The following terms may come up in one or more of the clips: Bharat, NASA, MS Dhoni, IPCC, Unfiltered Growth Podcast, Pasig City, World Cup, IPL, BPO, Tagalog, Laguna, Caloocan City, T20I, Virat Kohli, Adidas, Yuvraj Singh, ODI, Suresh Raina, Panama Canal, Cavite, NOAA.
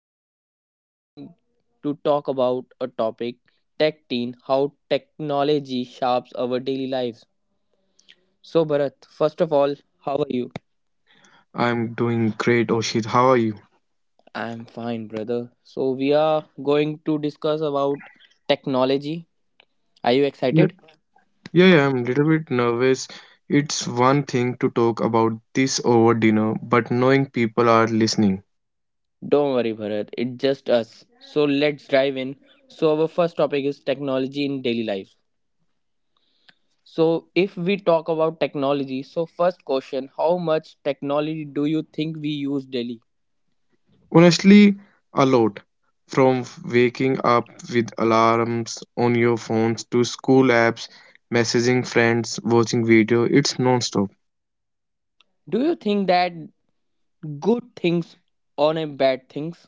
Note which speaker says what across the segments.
Speaker 1: today we are going to talk about a topic tech teen, how technology shapes our daily lives. So, Bharat, first of all, how are you?
Speaker 2: I'm doing great, Oshit. How are you?
Speaker 1: I'm fine, brother. So, we are going to discuss about technology. Are you
Speaker 2: Yeah,
Speaker 1: excited?
Speaker 2: yeah, yeah, I'm a little bit nervous. It's one thing to talk about this over dinner, but knowing people are listening.
Speaker 1: Don't worry, Bharat, it's just us. So, let's dive in. So, our first topic is technology in daily life. So, if we talk about technology, so first question, how much technology do you think we use daily?
Speaker 2: Honestly, a lot. From waking up with alarms on your phones to school apps, messaging friends, watching video, it's non-stop.
Speaker 1: Do you think that good things on a bad things?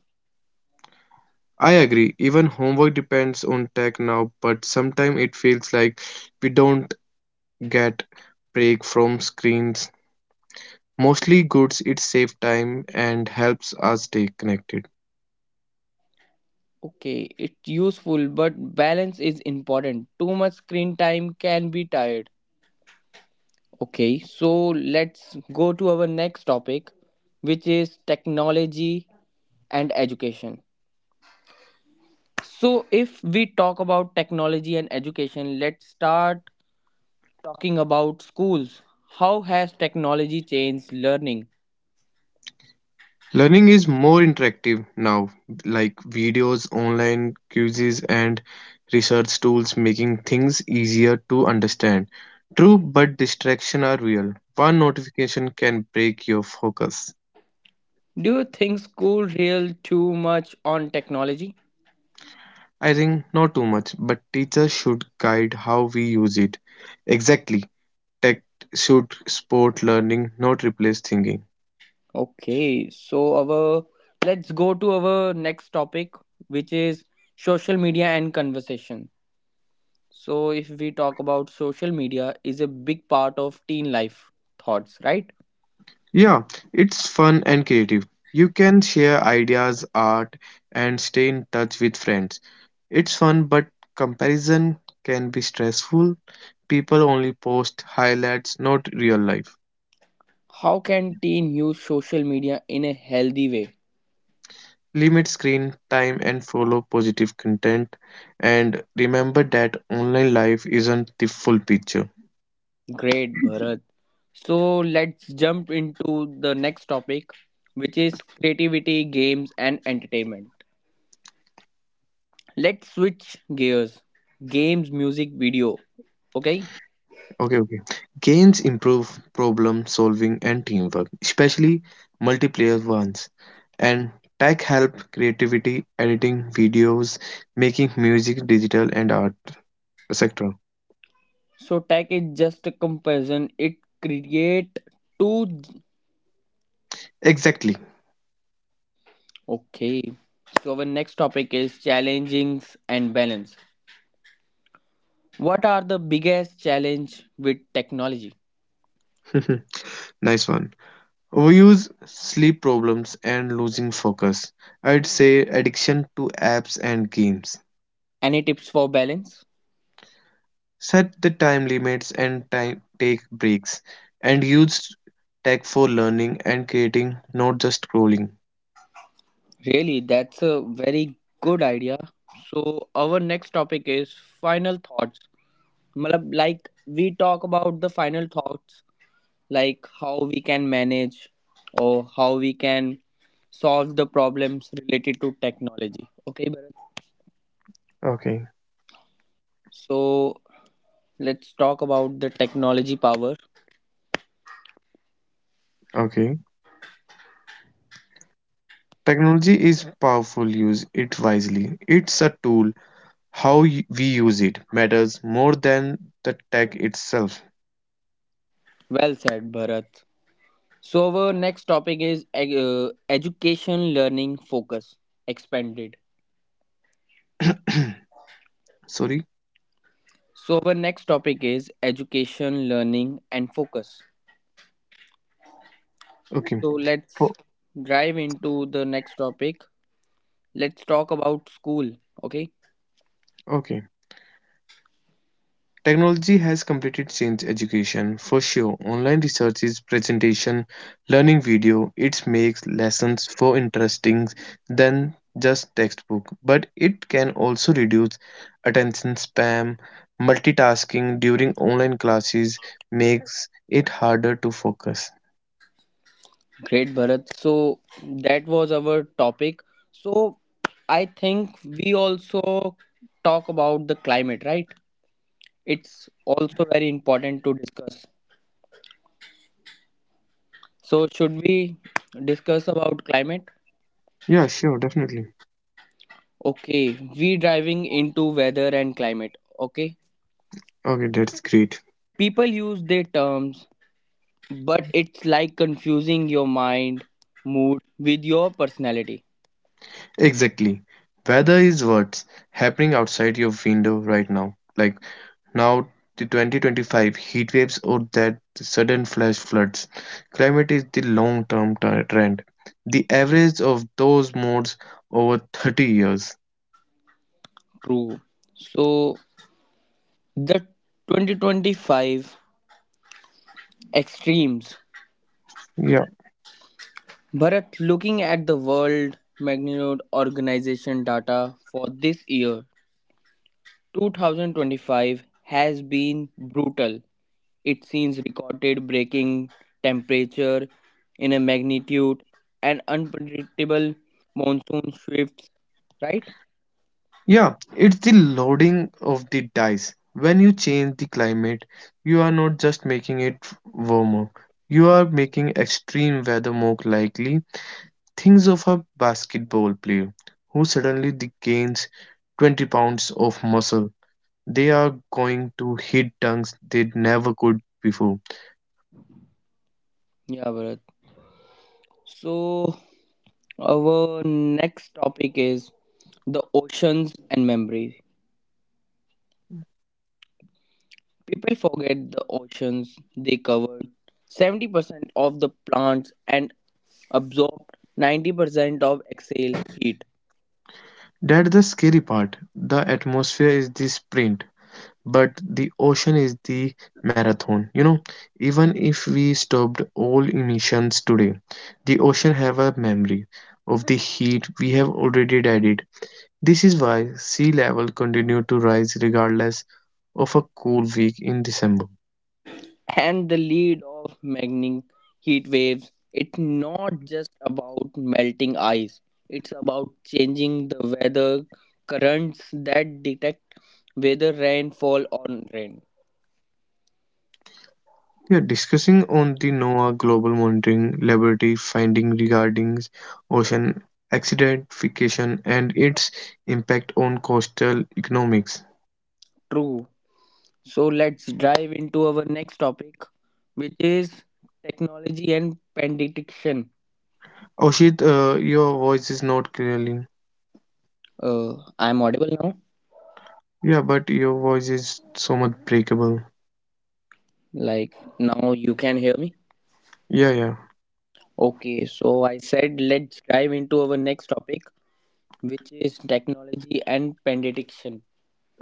Speaker 2: I agree, even homework depends on tech now, but sometimes it feels like we don't get break from screens. Mostly goods, it saves time and helps us stay connected.
Speaker 1: Okay, it's useful, but balance is important. Too much screen time can be tired. Okay, so let's go to our next topic, which is technology and education. So, if we talk about technology and education, let's start talking about schools. How has technology changed learning?
Speaker 2: Learning is more interactive now, like videos, online quizzes and research tools, making things easier to understand. True, but distraction are real. One notification can break your focus.
Speaker 1: Do you think school rely too much on technology?
Speaker 2: I think not too much, but teachers should guide how we use it. Exactly. Tech should support learning, not replace thinking.
Speaker 1: Okay, so our Let's go to our next topic, which is social media and conversation. So if we talk about social media is a big part of teen life thoughts, right?
Speaker 2: Yeah, it's fun and creative. You can share ideas, art, and stay in touch with friends. It's fun, but comparison can be stressful. People only post highlights, not real life.
Speaker 1: How can teen use social media in a healthy way?
Speaker 2: Limit screen time and follow positive content. And remember that online life isn't the full picture.
Speaker 1: Great, Bharat. So let's jump into the next topic, which is creativity, games, and entertainment. Let's switch gears. Games, music, video. Okay.
Speaker 2: Okay. Games improve problem solving and teamwork, especially multiplayer ones. And tech help creativity, editing videos, making music, digital and art, etc.
Speaker 1: So tech is just a comparison. It create two.
Speaker 2: Exactly.
Speaker 1: Okay. So our next topic is challenges and balance. What are the biggest challenge with technology?
Speaker 2: Nice one. Overuse, sleep problems, and losing focus. I'd say addiction to apps and games.
Speaker 1: Any tips for balance?
Speaker 2: Set the time limits and time, take breaks. And use tech for learning and creating, not just scrolling.
Speaker 1: Really, that's a very good idea. So, our next topic is final thoughts. Matlab, like, we talk about the final thoughts, like how we can manage or how we can solve the problems related to technology. Okay, Bharat?
Speaker 2: Okay,
Speaker 1: So, let's talk about the technology power.
Speaker 2: okay. Technology is powerful, use it wisely. It's a tool. How we use it matters more than the tech itself.
Speaker 1: Well said, Bharat. So, our next topic is education learning focus expanded.
Speaker 2: Sorry.
Speaker 1: So, our next topic is education, learning, and focus.
Speaker 2: Okay.
Speaker 1: So, let's
Speaker 2: For,
Speaker 1: dive into the next topic. Let's talk about school. Okay,
Speaker 2: okay. Technology has completely changed education for sure. Online research is presentation, learning video. It makes lessons more interesting than just textbook, but it can also reduce attention spam. Multitasking during online classes makes it harder to focus.
Speaker 1: great, Bharat. So, that was our topic. So, I think we also talk about the climate, right? It's also very important to discuss. So, should we discuss about climate?
Speaker 2: Yeah, sure, definitely.
Speaker 1: Okay, we diving into weather and climate. Okay,
Speaker 2: Okay, that's great.
Speaker 1: people use their terms but it's like confusing your mind mood with your personality.
Speaker 2: Exactly. Weather is what's happening outside your window right now. Like now, the 2025 heat waves or that sudden flash floods. Climate is the long term trend. The average of those modes over 30 years.
Speaker 1: True. So the 2025 extremes.
Speaker 2: Yeah.
Speaker 1: Bharat, looking at the world magnitude organization data for this year, 2025 has been brutal. It seems recorded breaking temperature in a magnitude and unpredictable monsoon shifts, right?
Speaker 2: Yeah, it's the loading of the dice. When you change the climate, you are not just making it warmer, you are making extreme weather more likely. Think of a basketball player who suddenly gains 20 pounds of muscle. They are going to hit dunks they never could before.
Speaker 1: Yeah, Bharat. So, our next topic is the oceans and memories. People forget the oceans they covered. 70% of the plants and absorbed 90% of exhale heat.
Speaker 2: That's the scary part. The atmosphere is the sprint, but the ocean is the marathon. You know, even if we stopped all emissions today, the ocean have a memory of the heat we have already added. This is why sea level continued to rise regardless of a cool week in December.
Speaker 1: And the lead of magnetic heat waves, it's not just about melting ice. It's about changing the weather currents that detect whether rainfall or rain.
Speaker 2: We are discussing on the NOAA Global Monitoring Laboratory finding regarding ocean acidification and its impact on coastal economics.
Speaker 1: True. So let's dive into our next topic, which is technology and prediction.
Speaker 2: Oshit, your voice is not clearly.
Speaker 1: I'm audible now.
Speaker 2: Yeah, but your voice is so much breakable.
Speaker 1: Like now you can hear me.
Speaker 2: Yeah, yeah.
Speaker 1: Okay, so I said let's dive into our next topic, which is technology and prediction.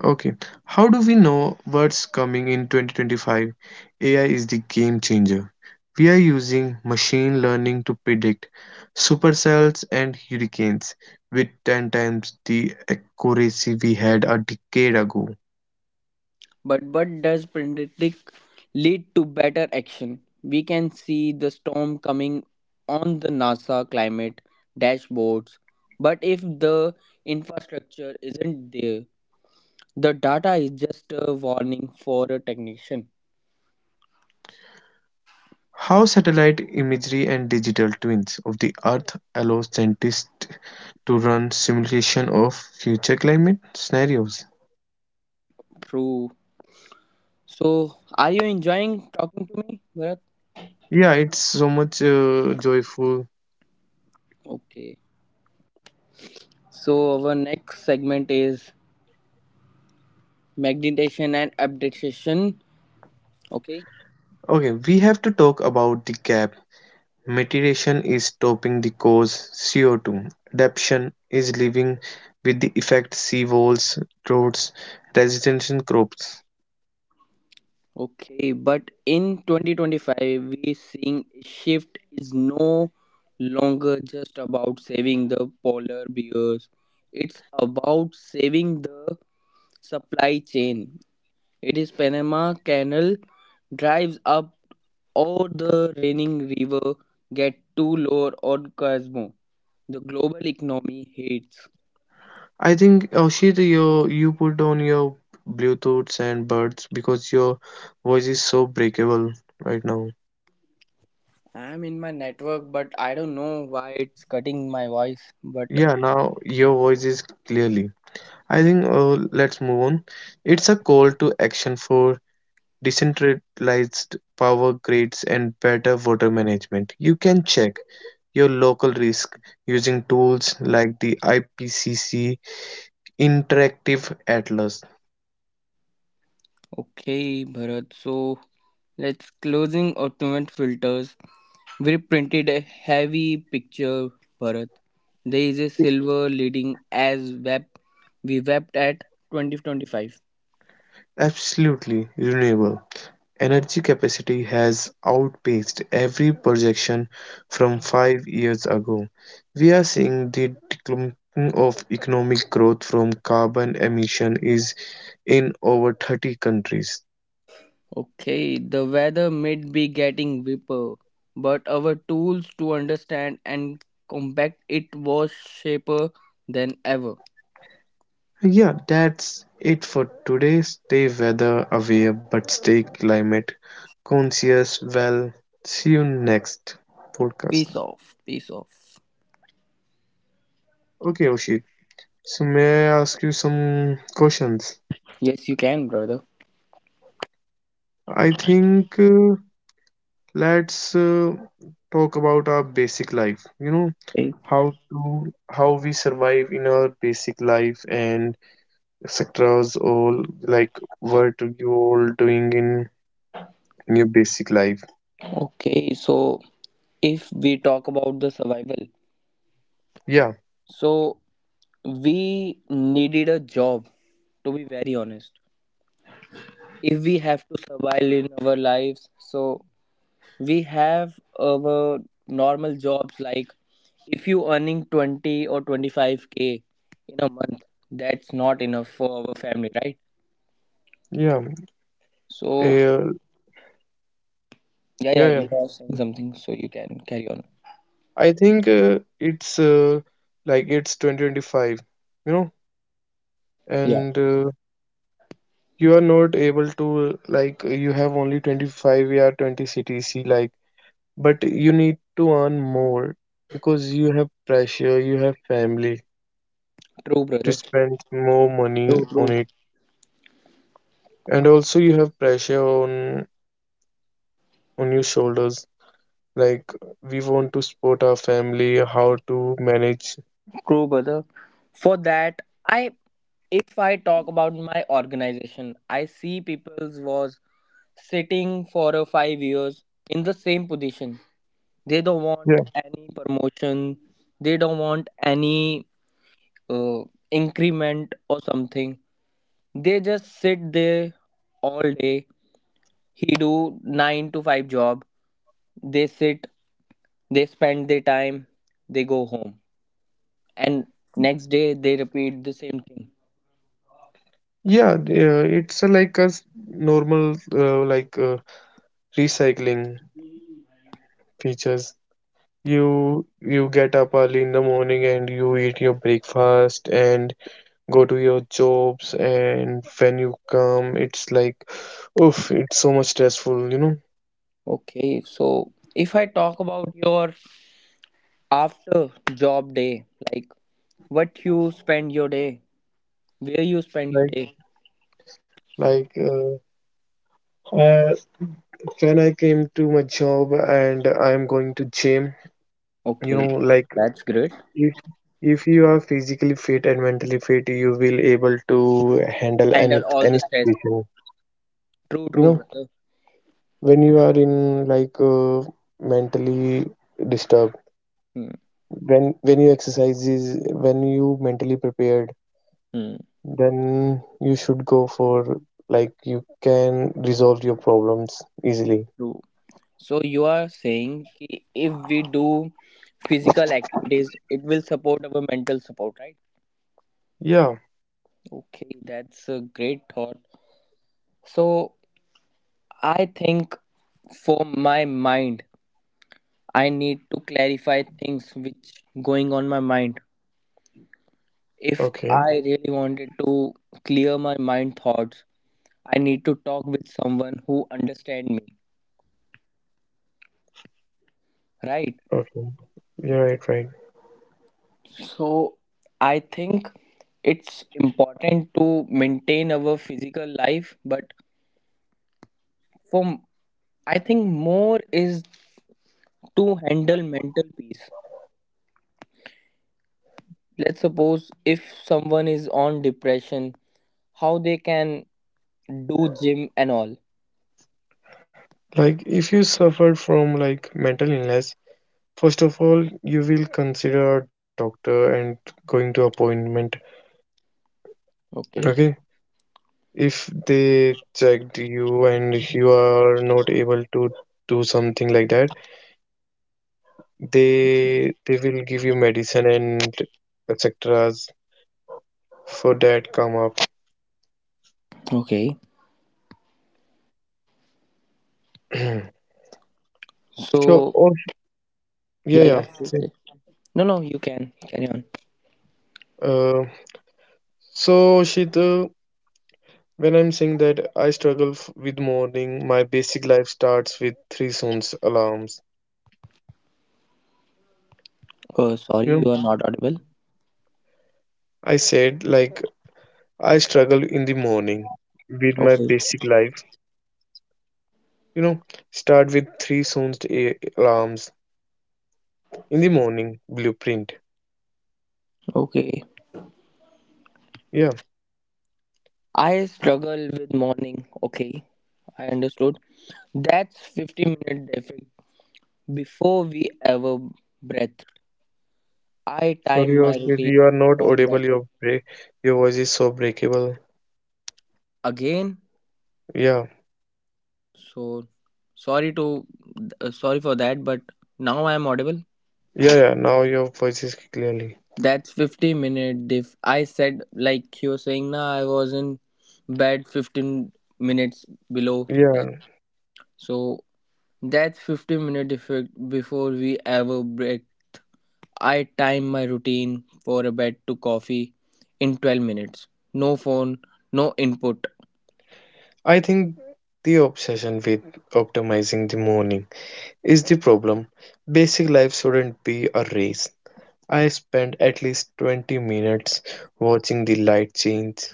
Speaker 2: Okay, how do we know what's coming in 2025? AI is the game changer. We are using machine learning to predict supercells and hurricanes with 10 times the accuracy we had a decade ago.
Speaker 1: But what does predict lead to better action? We can see the storm coming on the NASA climate dashboards, but if the infrastructure isn't there, the data is just a warning for a technician.
Speaker 2: How satellite imagery and digital twins of the Earth allow scientists to run simulation of future climate scenarios.
Speaker 1: True. So, are you enjoying talking to me, Bharat?
Speaker 2: Yeah, it's so much joyful.
Speaker 1: Okay. So, our next segment is magnetation and updatation. Okay.
Speaker 2: Okay, we have to talk about the gap. Mitigation is stopping the cause CO2. Adaptation is living with the effect sea walls, roads, residential crops.
Speaker 1: Okay. But in 2025, we seeing a shift is no longer just about saving the polar bears. It's about saving the supply chain. It is Panama Canal drives up or the raining river get to lower or Cosmo. The global economy hates.
Speaker 2: I think Oshit, you put on your Bluetooths and buds because your voice is so breakable right now.
Speaker 1: I'm in my network, but I don't know why it's cutting my voice. But
Speaker 2: Yeah, now your voice is clearly. I think let's move on. It's a call to action for decentralized power grids and better water management. You can check your local risk using tools like the IPCC Interactive Atlas.
Speaker 1: okay, Bharat. So let's closing automatic filters. We printed a heavy picture, Bharat. There is a silver leading as web we wept at 2025.
Speaker 2: Absolutely renewable. Energy capacity has outpaced every projection from 5 years ago. We are seeing the decline of economic growth from carbon emission is in over 30 countries.
Speaker 1: Okay, the weather might be getting whipper, but our tools to understand and combat it was sharper than ever.
Speaker 2: Yeah, that's it for today. Stay weather aware but stay climate conscious. Well, see you next
Speaker 1: Peace
Speaker 2: podcast.
Speaker 1: off, peace off.
Speaker 2: Okay, Oshit. So may I ask you some questions?
Speaker 1: Yes, you can, brother.
Speaker 2: I think let's talk about our basic life. You know,
Speaker 1: Okay,
Speaker 2: how to how we survive in our basic life and sectors all, like what you all doing in your basic life.
Speaker 1: okay, so if we talk about the survival,
Speaker 2: Yeah,
Speaker 1: so we needed a job, to be very honest. If we have to survive in our lives, so we have our normal jobs like if you earning 20 or 25k in a month, that's not enough for our family, right?
Speaker 2: yeah.
Speaker 1: So
Speaker 2: Uh,
Speaker 1: yeah,
Speaker 2: Yeah,
Speaker 1: yeah,
Speaker 2: yeah.
Speaker 1: you are saying
Speaker 2: Mm.
Speaker 1: something, so you can carry on.
Speaker 2: I think it's like it's 2025, you know,
Speaker 1: Yeah,
Speaker 2: and you are not able to like you have only 25 or 20 CTC like, but you need to earn more because you have pressure, you have family
Speaker 1: true
Speaker 2: to
Speaker 1: brother.
Speaker 2: spend more money
Speaker 1: True, true.
Speaker 2: on it, and also you have pressure on your shoulders. Like we want to support our family, how to manage.
Speaker 1: True brother. For that, I if I talk about my organization, I see people's was sitting for a 5 years in the same position. They don't want any promotion, they don't want any uh, increment or something. They just sit there all day. He do 9 to 5 job, they sit, they spend their time, they go home, and next day they repeat the same thing.
Speaker 2: Yeah, it's like a normal recycling features. You get up early in the morning and you eat your breakfast and go to your jobs, and when you come it's like oof, it's so much stressful, you know?
Speaker 1: Okay, so if I talk about your after job day, like what you spend your day, where you spend your day.
Speaker 2: Like like uh, when I came to my job and I'm going to gym,
Speaker 1: Okay,
Speaker 2: you know,
Speaker 1: that's
Speaker 2: like
Speaker 1: great.
Speaker 2: if if you are physically fit and mentally fit you will able to
Speaker 1: Handle
Speaker 2: handle
Speaker 1: all the
Speaker 2: any
Speaker 1: stress.
Speaker 2: any situation.
Speaker 1: True, true, brother.
Speaker 2: You know when you are in like mentally disturbed,
Speaker 1: Hmm,
Speaker 2: when you exercises, when you mentally prepared,
Speaker 1: hmm,
Speaker 2: then you should go for, like you can resolve your problems
Speaker 1: true.
Speaker 2: easily.
Speaker 1: So you are saying ki if we do physical activities, it will support our mental support, right?
Speaker 2: Yeah,
Speaker 1: Okay, that's a great thought. So I think for my mind, I need to clarify things which going on my mind. If
Speaker 2: okay.
Speaker 1: I really wanted to clear my mind thoughts, I need to talk with someone who understand me, right?
Speaker 2: Okay, you're right, right.
Speaker 1: So I think it's important to maintain our physical life, but for m- I think more is to handle mental peace. Let's suppose if someone is on depression, how they can do gym and all.
Speaker 2: Like if you suffer from like mental illness, first of all, you will consider a doctor and going to appointment. Okay,
Speaker 1: Okay.
Speaker 2: if they checked you and you are not able to do something like that, they will give you medicine and etc. for that come up.
Speaker 1: Okay.
Speaker 2: Sure.
Speaker 1: So
Speaker 2: Oh, yeah,
Speaker 1: yeah,
Speaker 2: yeah.
Speaker 1: yeah, sure,
Speaker 2: See,
Speaker 1: sure. No, no, you can carry on.
Speaker 2: uh, so Shita, when I'm saying that I struggle f with morning, my basic life starts with three sounds alarms.
Speaker 1: Oh, sorry,
Speaker 2: You know,
Speaker 1: you are not audible.
Speaker 2: I said like I struggle in the morning with my
Speaker 1: Okay.
Speaker 2: basic life. You know, start with three sound alarms in the morning blueprint.
Speaker 1: Okay.
Speaker 2: Yeah.
Speaker 1: I struggle with morning. Okay, I understood. That's 50-minute defect. Before we ever breath, I
Speaker 2: Sorry,
Speaker 1: time my
Speaker 2: Oshit,
Speaker 1: routine
Speaker 2: you are not
Speaker 1: from
Speaker 2: audible.
Speaker 1: that to
Speaker 2: Your break, your voice is so breakable.
Speaker 1: again.
Speaker 2: Yeah,
Speaker 1: So sorry to sorry for that, but now I am audible.
Speaker 2: yeah, yeah. Now your voice is clearly.
Speaker 1: That's 50-minute diff. I said like you were saying now I was in bed 15 minutes below, right?
Speaker 2: Yeah,
Speaker 1: So that's 50-minute defect before we ever break. I time my routine for a bed to coffee in 12 minutes. No phone, no input.
Speaker 2: I think the obsession with optimizing the morning is the problem. Basic life shouldn't be a race. I spend at least 20 minutes watching the light change,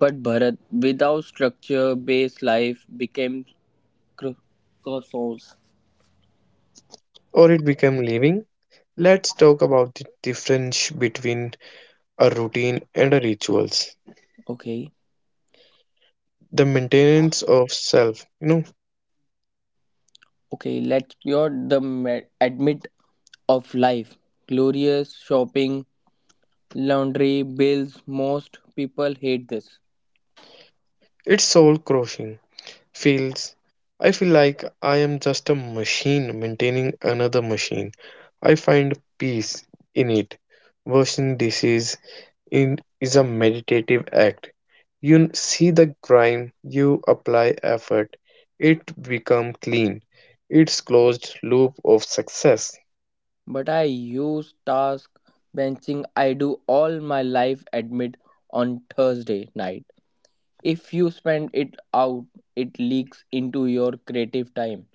Speaker 1: But Bharat, without structure based life became cr- crossroads.
Speaker 2: or it become living. Let's talk about the difference between a routine and a rituals.
Speaker 1: Okay,
Speaker 2: The maintenance of self, you know,
Speaker 1: okay, let's cure the admit of life. Glorious shopping, laundry, bills. Most people hate this.
Speaker 2: it's soul crushing. Feels, I feel like I am just a machine maintaining another machine. I find peace in it. Washing dishes in is a meditative act. You see the grime, you apply effort, it become clean. It's closed loop of success.
Speaker 1: But I use task benching. I do all my life admit on Thursday night. If you spend it out, it leaks into your creative time.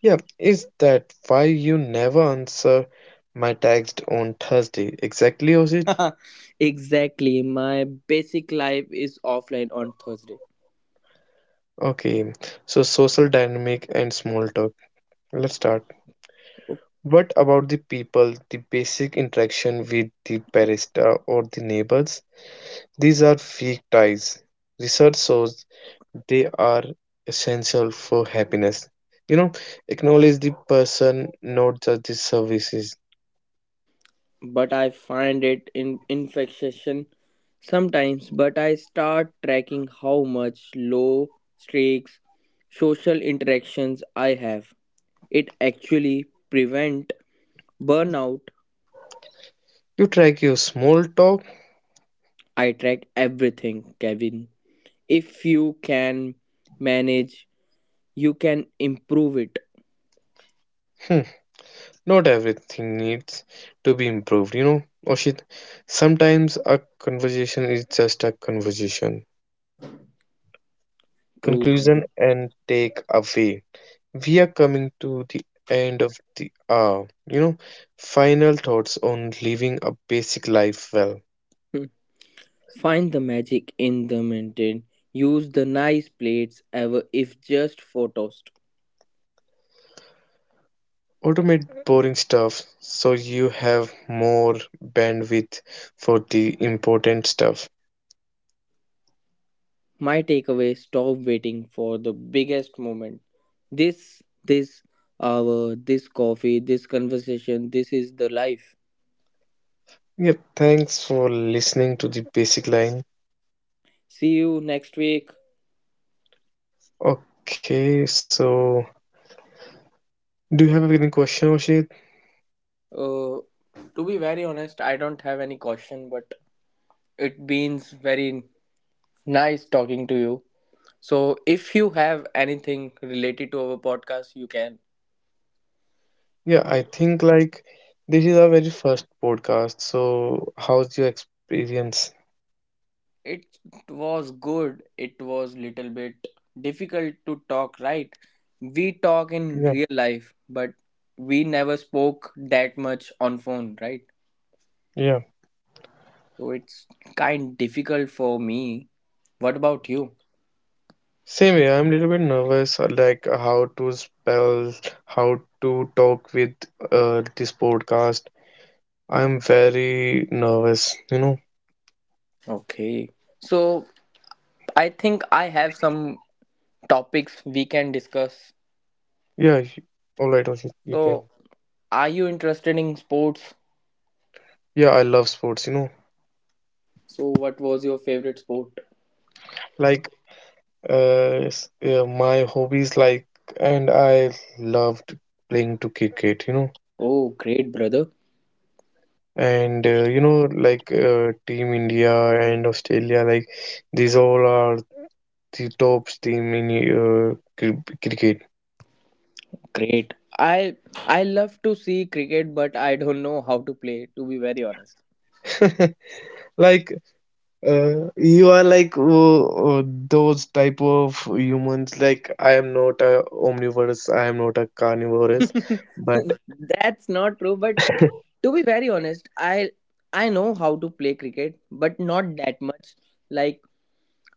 Speaker 2: Yeah, is that why you never answer my text on Thursday? Exactly, Osit?
Speaker 1: Exactly. My basic life is offline on Thursday,
Speaker 2: Okay, so social dynamic and small talk. Let's start. What about the people, the basic interaction with the barista or the neighbors? These are weak ties. Research shows they are essential for happiness. You know, acknowledge the person, not just the services.
Speaker 1: but I find it in infection sometimes. But I start tracking how much low stakes social interactions I have. It actually prevent burnout.
Speaker 2: You track your small talk.
Speaker 1: I track everything, Kevin. If you can manage, you can improve it.
Speaker 2: Not everything needs to be improved, you know, Oshit. Sometimes a conversation is just a conversation,
Speaker 1: True, brother.
Speaker 2: conclusion, and take away. We are coming to the end of the hour, you know. Final thoughts on living a basic life well.
Speaker 1: Hmm. Find the magic in the mundane. Use the nice plates ever if just for toast.
Speaker 2: Automate boring stuff so you have more bandwidth for the important stuff.
Speaker 1: My takeaway stop waiting for the biggest moment. This hour, this coffee, this conversation, this is the life.
Speaker 2: Yeah, thanks for listening to the basic line.
Speaker 1: See you next week.
Speaker 2: Okay, so do you have any question, Oshit?
Speaker 1: Uh, to be very honest, I don't have any question, but it means very nice talking to you. So, if you have anything related to our podcast, you can.
Speaker 2: Yeah, I think like this is our very first podcast. So, how's your experience?
Speaker 1: It was good. It was little bit difficult to talk, right? We talk in
Speaker 2: Yeah,
Speaker 1: real life, but we never spoke that much on phone, right?
Speaker 2: yeah.
Speaker 1: So it's kind difficult for me. What about you?
Speaker 2: Same way, I'm a little bit nervous, like how to spell, how to talk with this podcast. I'm very nervous, you know.
Speaker 1: Okay, so I think I have some topics we can discuss.
Speaker 2: Yeah, y- all right, Oshit, you can.
Speaker 1: So are you interested in sports?
Speaker 2: Yeah, I love sports, you know.
Speaker 1: So what was your favorite sport?
Speaker 2: Like, yeah, my hobbies, like, and I loved playing to cricket, you know.
Speaker 1: Oh great brother.
Speaker 2: And you know like Team India and Australia, like these all are the top team in cricket.
Speaker 1: Great. I love to see cricket, but I don't know how to play. To be very honest,
Speaker 2: Like you are like uh, those type of humans. Like I am not a omnivorous, I am not a carnivorous, but
Speaker 1: that's not true. But to be very honest, I know how to play cricket, but not that much. Like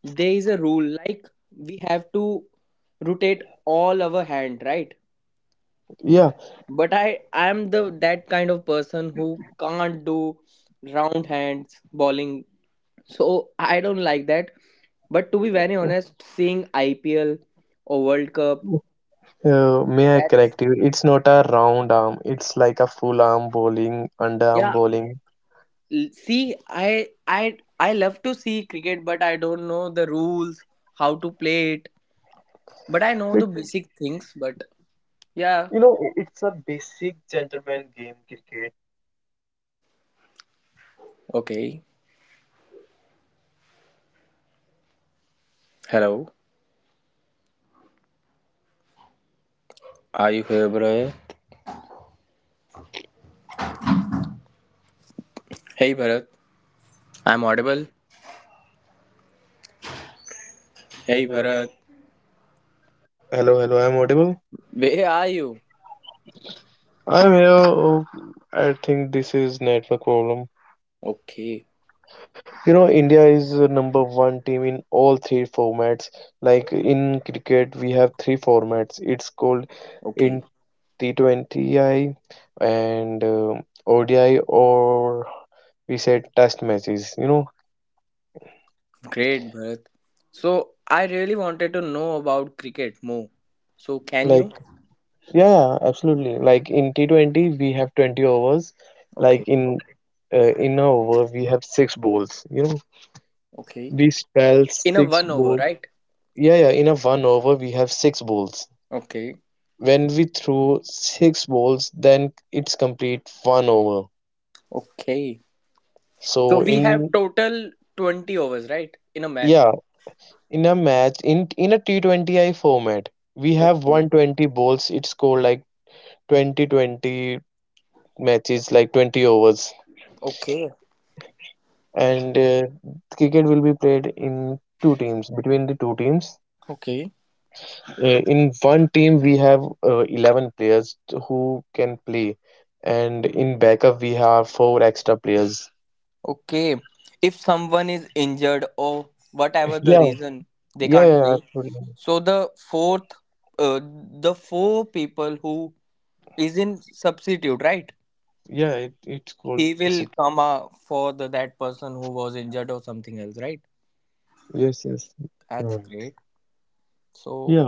Speaker 1: there is a rule, like we have to rotate all our hand, right?
Speaker 2: yeah,
Speaker 1: But I am the that kind of person who can't do round hands bowling. So I don't like that. But to be very honest, seeing IPL or World Cup,
Speaker 2: may I
Speaker 1: that's
Speaker 2: correct you, it's not a round arm, it's like a full arm bowling, underarm
Speaker 1: yeah.
Speaker 2: bowling.
Speaker 1: l- See, I love to see cricket, but I don't know the rules, how to play it. But I know the
Speaker 2: It-
Speaker 1: basic things. But yeah,
Speaker 2: you know, it's a basic gentleman game cricket.
Speaker 1: okay. Hello. Are you here, Bharat? Hey, Bharat. I'm audible.
Speaker 2: Hello,
Speaker 1: Hey,
Speaker 2: hello.
Speaker 1: Bharat.
Speaker 2: Hello, hello. I'm audible.
Speaker 1: Where are you?
Speaker 2: I'm here. Oh, I think this is network problem.
Speaker 1: Okay.
Speaker 2: You know, India is the number one team in all three formats. Like in cricket, we have three formats. It's called in
Speaker 1: Okay.
Speaker 2: T20I and ODI, or we said test matches. You know,
Speaker 1: Great, Bharat. So I really wanted to know about cricket more. So can
Speaker 2: like
Speaker 1: you?
Speaker 2: yeah, yeah, absolutely. Like in T20, we have 20 overs. Like
Speaker 1: Okay,
Speaker 2: in an over, we have six balls. You know,
Speaker 1: okay.
Speaker 2: we spell
Speaker 1: In a
Speaker 2: six
Speaker 1: one over,
Speaker 2: balls.
Speaker 1: right?
Speaker 2: Yeah, yeah. In a one over, we have six balls.
Speaker 1: Okay,
Speaker 2: When we throw six balls, then it's complete one over.
Speaker 1: okay. So
Speaker 2: So
Speaker 1: we have
Speaker 2: in
Speaker 1: total 20 overs, right? In a match.
Speaker 2: yeah, in a match in a T20I format, we have
Speaker 1: Okay,
Speaker 2: 120 balls. It's called like 2020 matches, like 20 overs,
Speaker 1: okay,
Speaker 2: and cricket will be played in two teams between the two teams.
Speaker 1: okay,
Speaker 2: In one team, we have 11 players who can play, and in backup, we have four extra players.
Speaker 1: okay. If someone is injured or whatever the
Speaker 2: Yeah,
Speaker 1: reason, they
Speaker 2: yeah,
Speaker 1: can't
Speaker 2: yeah,
Speaker 1: play.
Speaker 2: absolutely.
Speaker 1: So the fourth, the four people who is in substitute, right?
Speaker 2: Yeah, it's called
Speaker 1: He
Speaker 2: sub.
Speaker 1: will come for the that person who was injured or something else, right?
Speaker 2: Yes, yes, you're right.
Speaker 1: That's great.
Speaker 2: Yeah.
Speaker 1: So,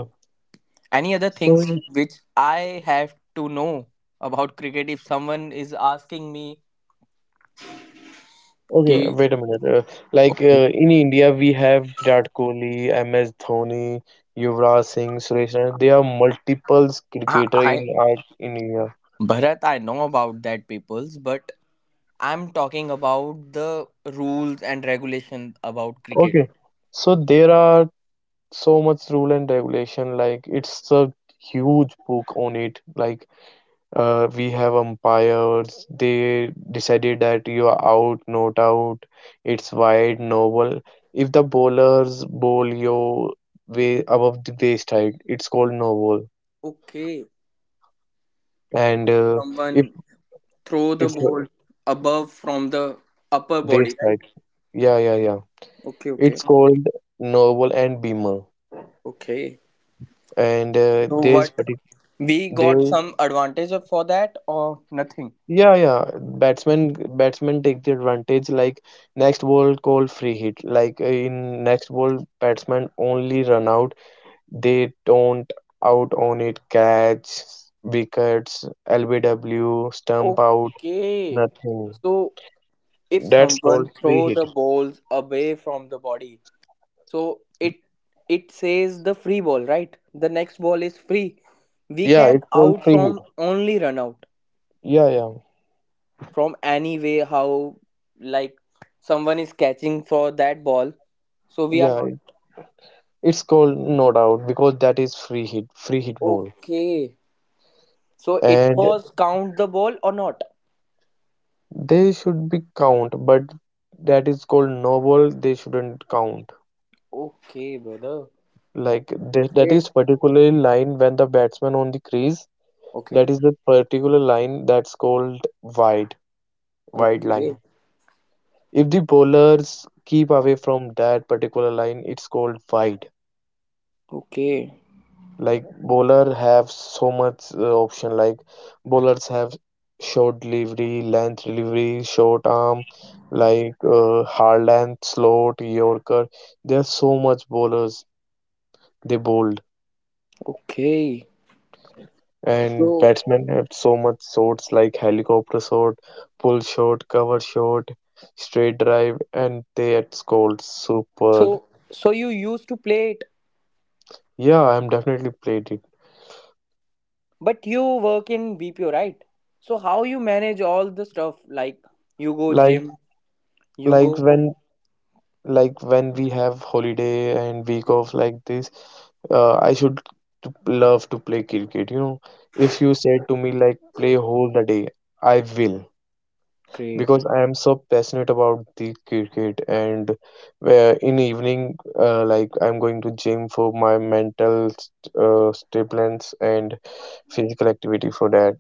Speaker 1: any
Speaker 2: So,
Speaker 1: other things which I have to know about cricket? If someone is asking me,
Speaker 2: okay,
Speaker 1: ki,
Speaker 2: wait a minute. Like
Speaker 1: okay,
Speaker 2: in India, we have Virat Kohli, MS Dhoni, Yuvraj Singh, Suresh Raina. There are multiples
Speaker 1: I,
Speaker 2: cricketer
Speaker 1: I
Speaker 2: in art in India.
Speaker 1: Bharat, I know about that people's, but I'm talking about the rules and regulation about cricket.
Speaker 2: Okay. So there are so much rule and regulation, like it's a huge book on it. Like we have umpires, they decided that you are out not out, it's wide no ball. If the bowlers bowl your way above the waist height, it's called no ball.
Speaker 1: Okay,
Speaker 2: And if
Speaker 1: someone throw the
Speaker 2: if
Speaker 1: ball above from the upper body,
Speaker 2: waist
Speaker 1: right?
Speaker 2: height, yeah, yeah, yeah,
Speaker 1: Okay, okay,
Speaker 2: it's called no ball and beamer.
Speaker 1: okay.
Speaker 2: And uh,
Speaker 1: So
Speaker 2: there's
Speaker 1: what
Speaker 2: partic-
Speaker 1: we got
Speaker 2: there
Speaker 1: some advantage of for that or nothing?
Speaker 2: Yeah, yeah. Batsmen take the advantage, like next ball called free hit. Like in next ball batsmen only run out. They don't out on it catch, wickets, LBW, stump out,
Speaker 1: Okay.
Speaker 2: nothing.
Speaker 1: So if
Speaker 2: That's
Speaker 1: someone
Speaker 2: called free
Speaker 1: throw
Speaker 2: hit.
Speaker 1: the balls away from the body, so it says the free ball, right? The next ball is free. We
Speaker 2: Yeah,
Speaker 1: can
Speaker 2: it's called
Speaker 1: out
Speaker 2: free hit.
Speaker 1: from only run out
Speaker 2: Yeah, yeah.
Speaker 1: from any way how like someone is catching for that ball. So we are
Speaker 2: Yeah,
Speaker 1: not.
Speaker 2: it's called no doubt because that is free hit ball.
Speaker 1: Okay. So it
Speaker 2: And
Speaker 1: was count the ball or not?
Speaker 2: they should be count, but that is called no ball, they shouldn't count.
Speaker 1: Okay, brother. That's
Speaker 2: Like th that
Speaker 1: great.
Speaker 2: is particularly line when the batsman on the crease, that
Speaker 1: Okay.
Speaker 2: is the particular line, that's called wide, wide line.
Speaker 1: Okay.
Speaker 2: If the bowlers keep away from that particular line, it's called wide.
Speaker 1: Okay,
Speaker 2: Like bowler have so much option. Like bowlers have short delivery, length delivery, short arm, like hard length, slot, Yorker. There are so much bowlers they bowl.
Speaker 1: okay.
Speaker 2: And
Speaker 1: So
Speaker 2: batsmen have so much shots, like helicopter shot, pull shot, cover shot, straight drive, and they at scored super.
Speaker 1: So, so you used to play it,
Speaker 2: Yeah, I'm definitely played it.
Speaker 1: but you work in BPO, right? So how you manage all the stuff? Like you go
Speaker 2: Like
Speaker 1: gym, you
Speaker 2: like
Speaker 1: go.
Speaker 2: when like when we have holiday and week off like this, I should to love to play cricket. You know, if you said to me like play whole the day, I will.
Speaker 1: Great,
Speaker 2: Because
Speaker 1: great.
Speaker 2: I am so passionate about the cricket, and where in evening like I'm going to gym for my mental stimulants and physical activity for that.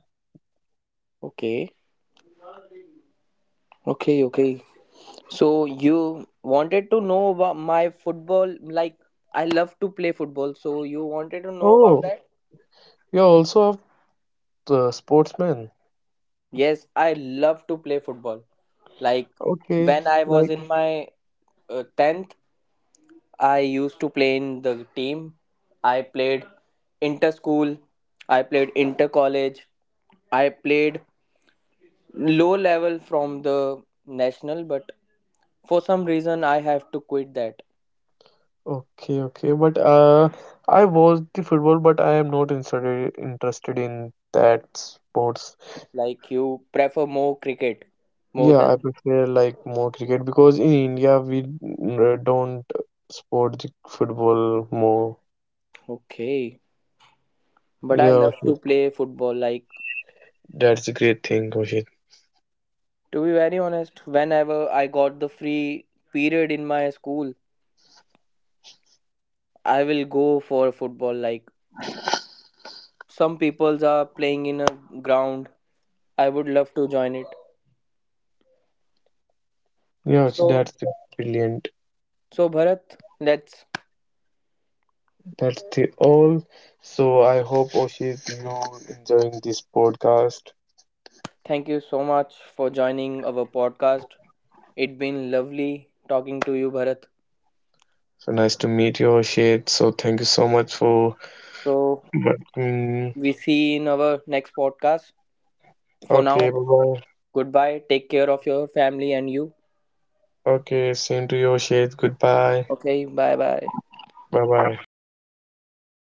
Speaker 1: Okay, okay, okay. So you wanted to know about my football. Like I love to play football. So you wanted to know about
Speaker 2: Oh,
Speaker 1: that?
Speaker 2: you're also a sportsman.
Speaker 1: Yes, I love to play football. Like
Speaker 2: Okay,
Speaker 1: when I was
Speaker 2: like
Speaker 1: in my 10th, I used to play in the team. I played inter school, I played inter college, I played low level from the national, but for some reason I have to quit that.
Speaker 2: okay, okay, but I watch the football, but I am not interested in that sports.
Speaker 1: Like you prefer more cricket more
Speaker 2: Yeah, I
Speaker 1: than
Speaker 2: prefer like more cricket because in India we don't support the football more.
Speaker 1: okay, but I
Speaker 2: Yeah,
Speaker 1: love to
Speaker 2: Ashit,
Speaker 1: play football. Like
Speaker 2: that's a great thing, Oshit.
Speaker 1: to be very honest, whenever I got the free period in my school, I will go for football. Like some peoples are playing in a ground, I would love to join it.
Speaker 2: Yeah, Ashit,
Speaker 1: So,
Speaker 2: that's the brilliant.
Speaker 1: so Bharat, let's
Speaker 2: That's the all. So I hope Oshit you enjoying this podcast.
Speaker 1: thank you so much for joining our podcast. It's been lovely talking to you, Bharat.
Speaker 2: So nice to meet you, Oshit. So thank you so much for.
Speaker 1: So
Speaker 2: But,
Speaker 1: we see in our next podcast. For
Speaker 2: okay,
Speaker 1: now,
Speaker 2: bye bye.
Speaker 1: goodbye. Take care of your family and you.
Speaker 2: Okay, same to you, Oshit. Goodbye.
Speaker 1: Okay, bye bye.
Speaker 2: Bye bye.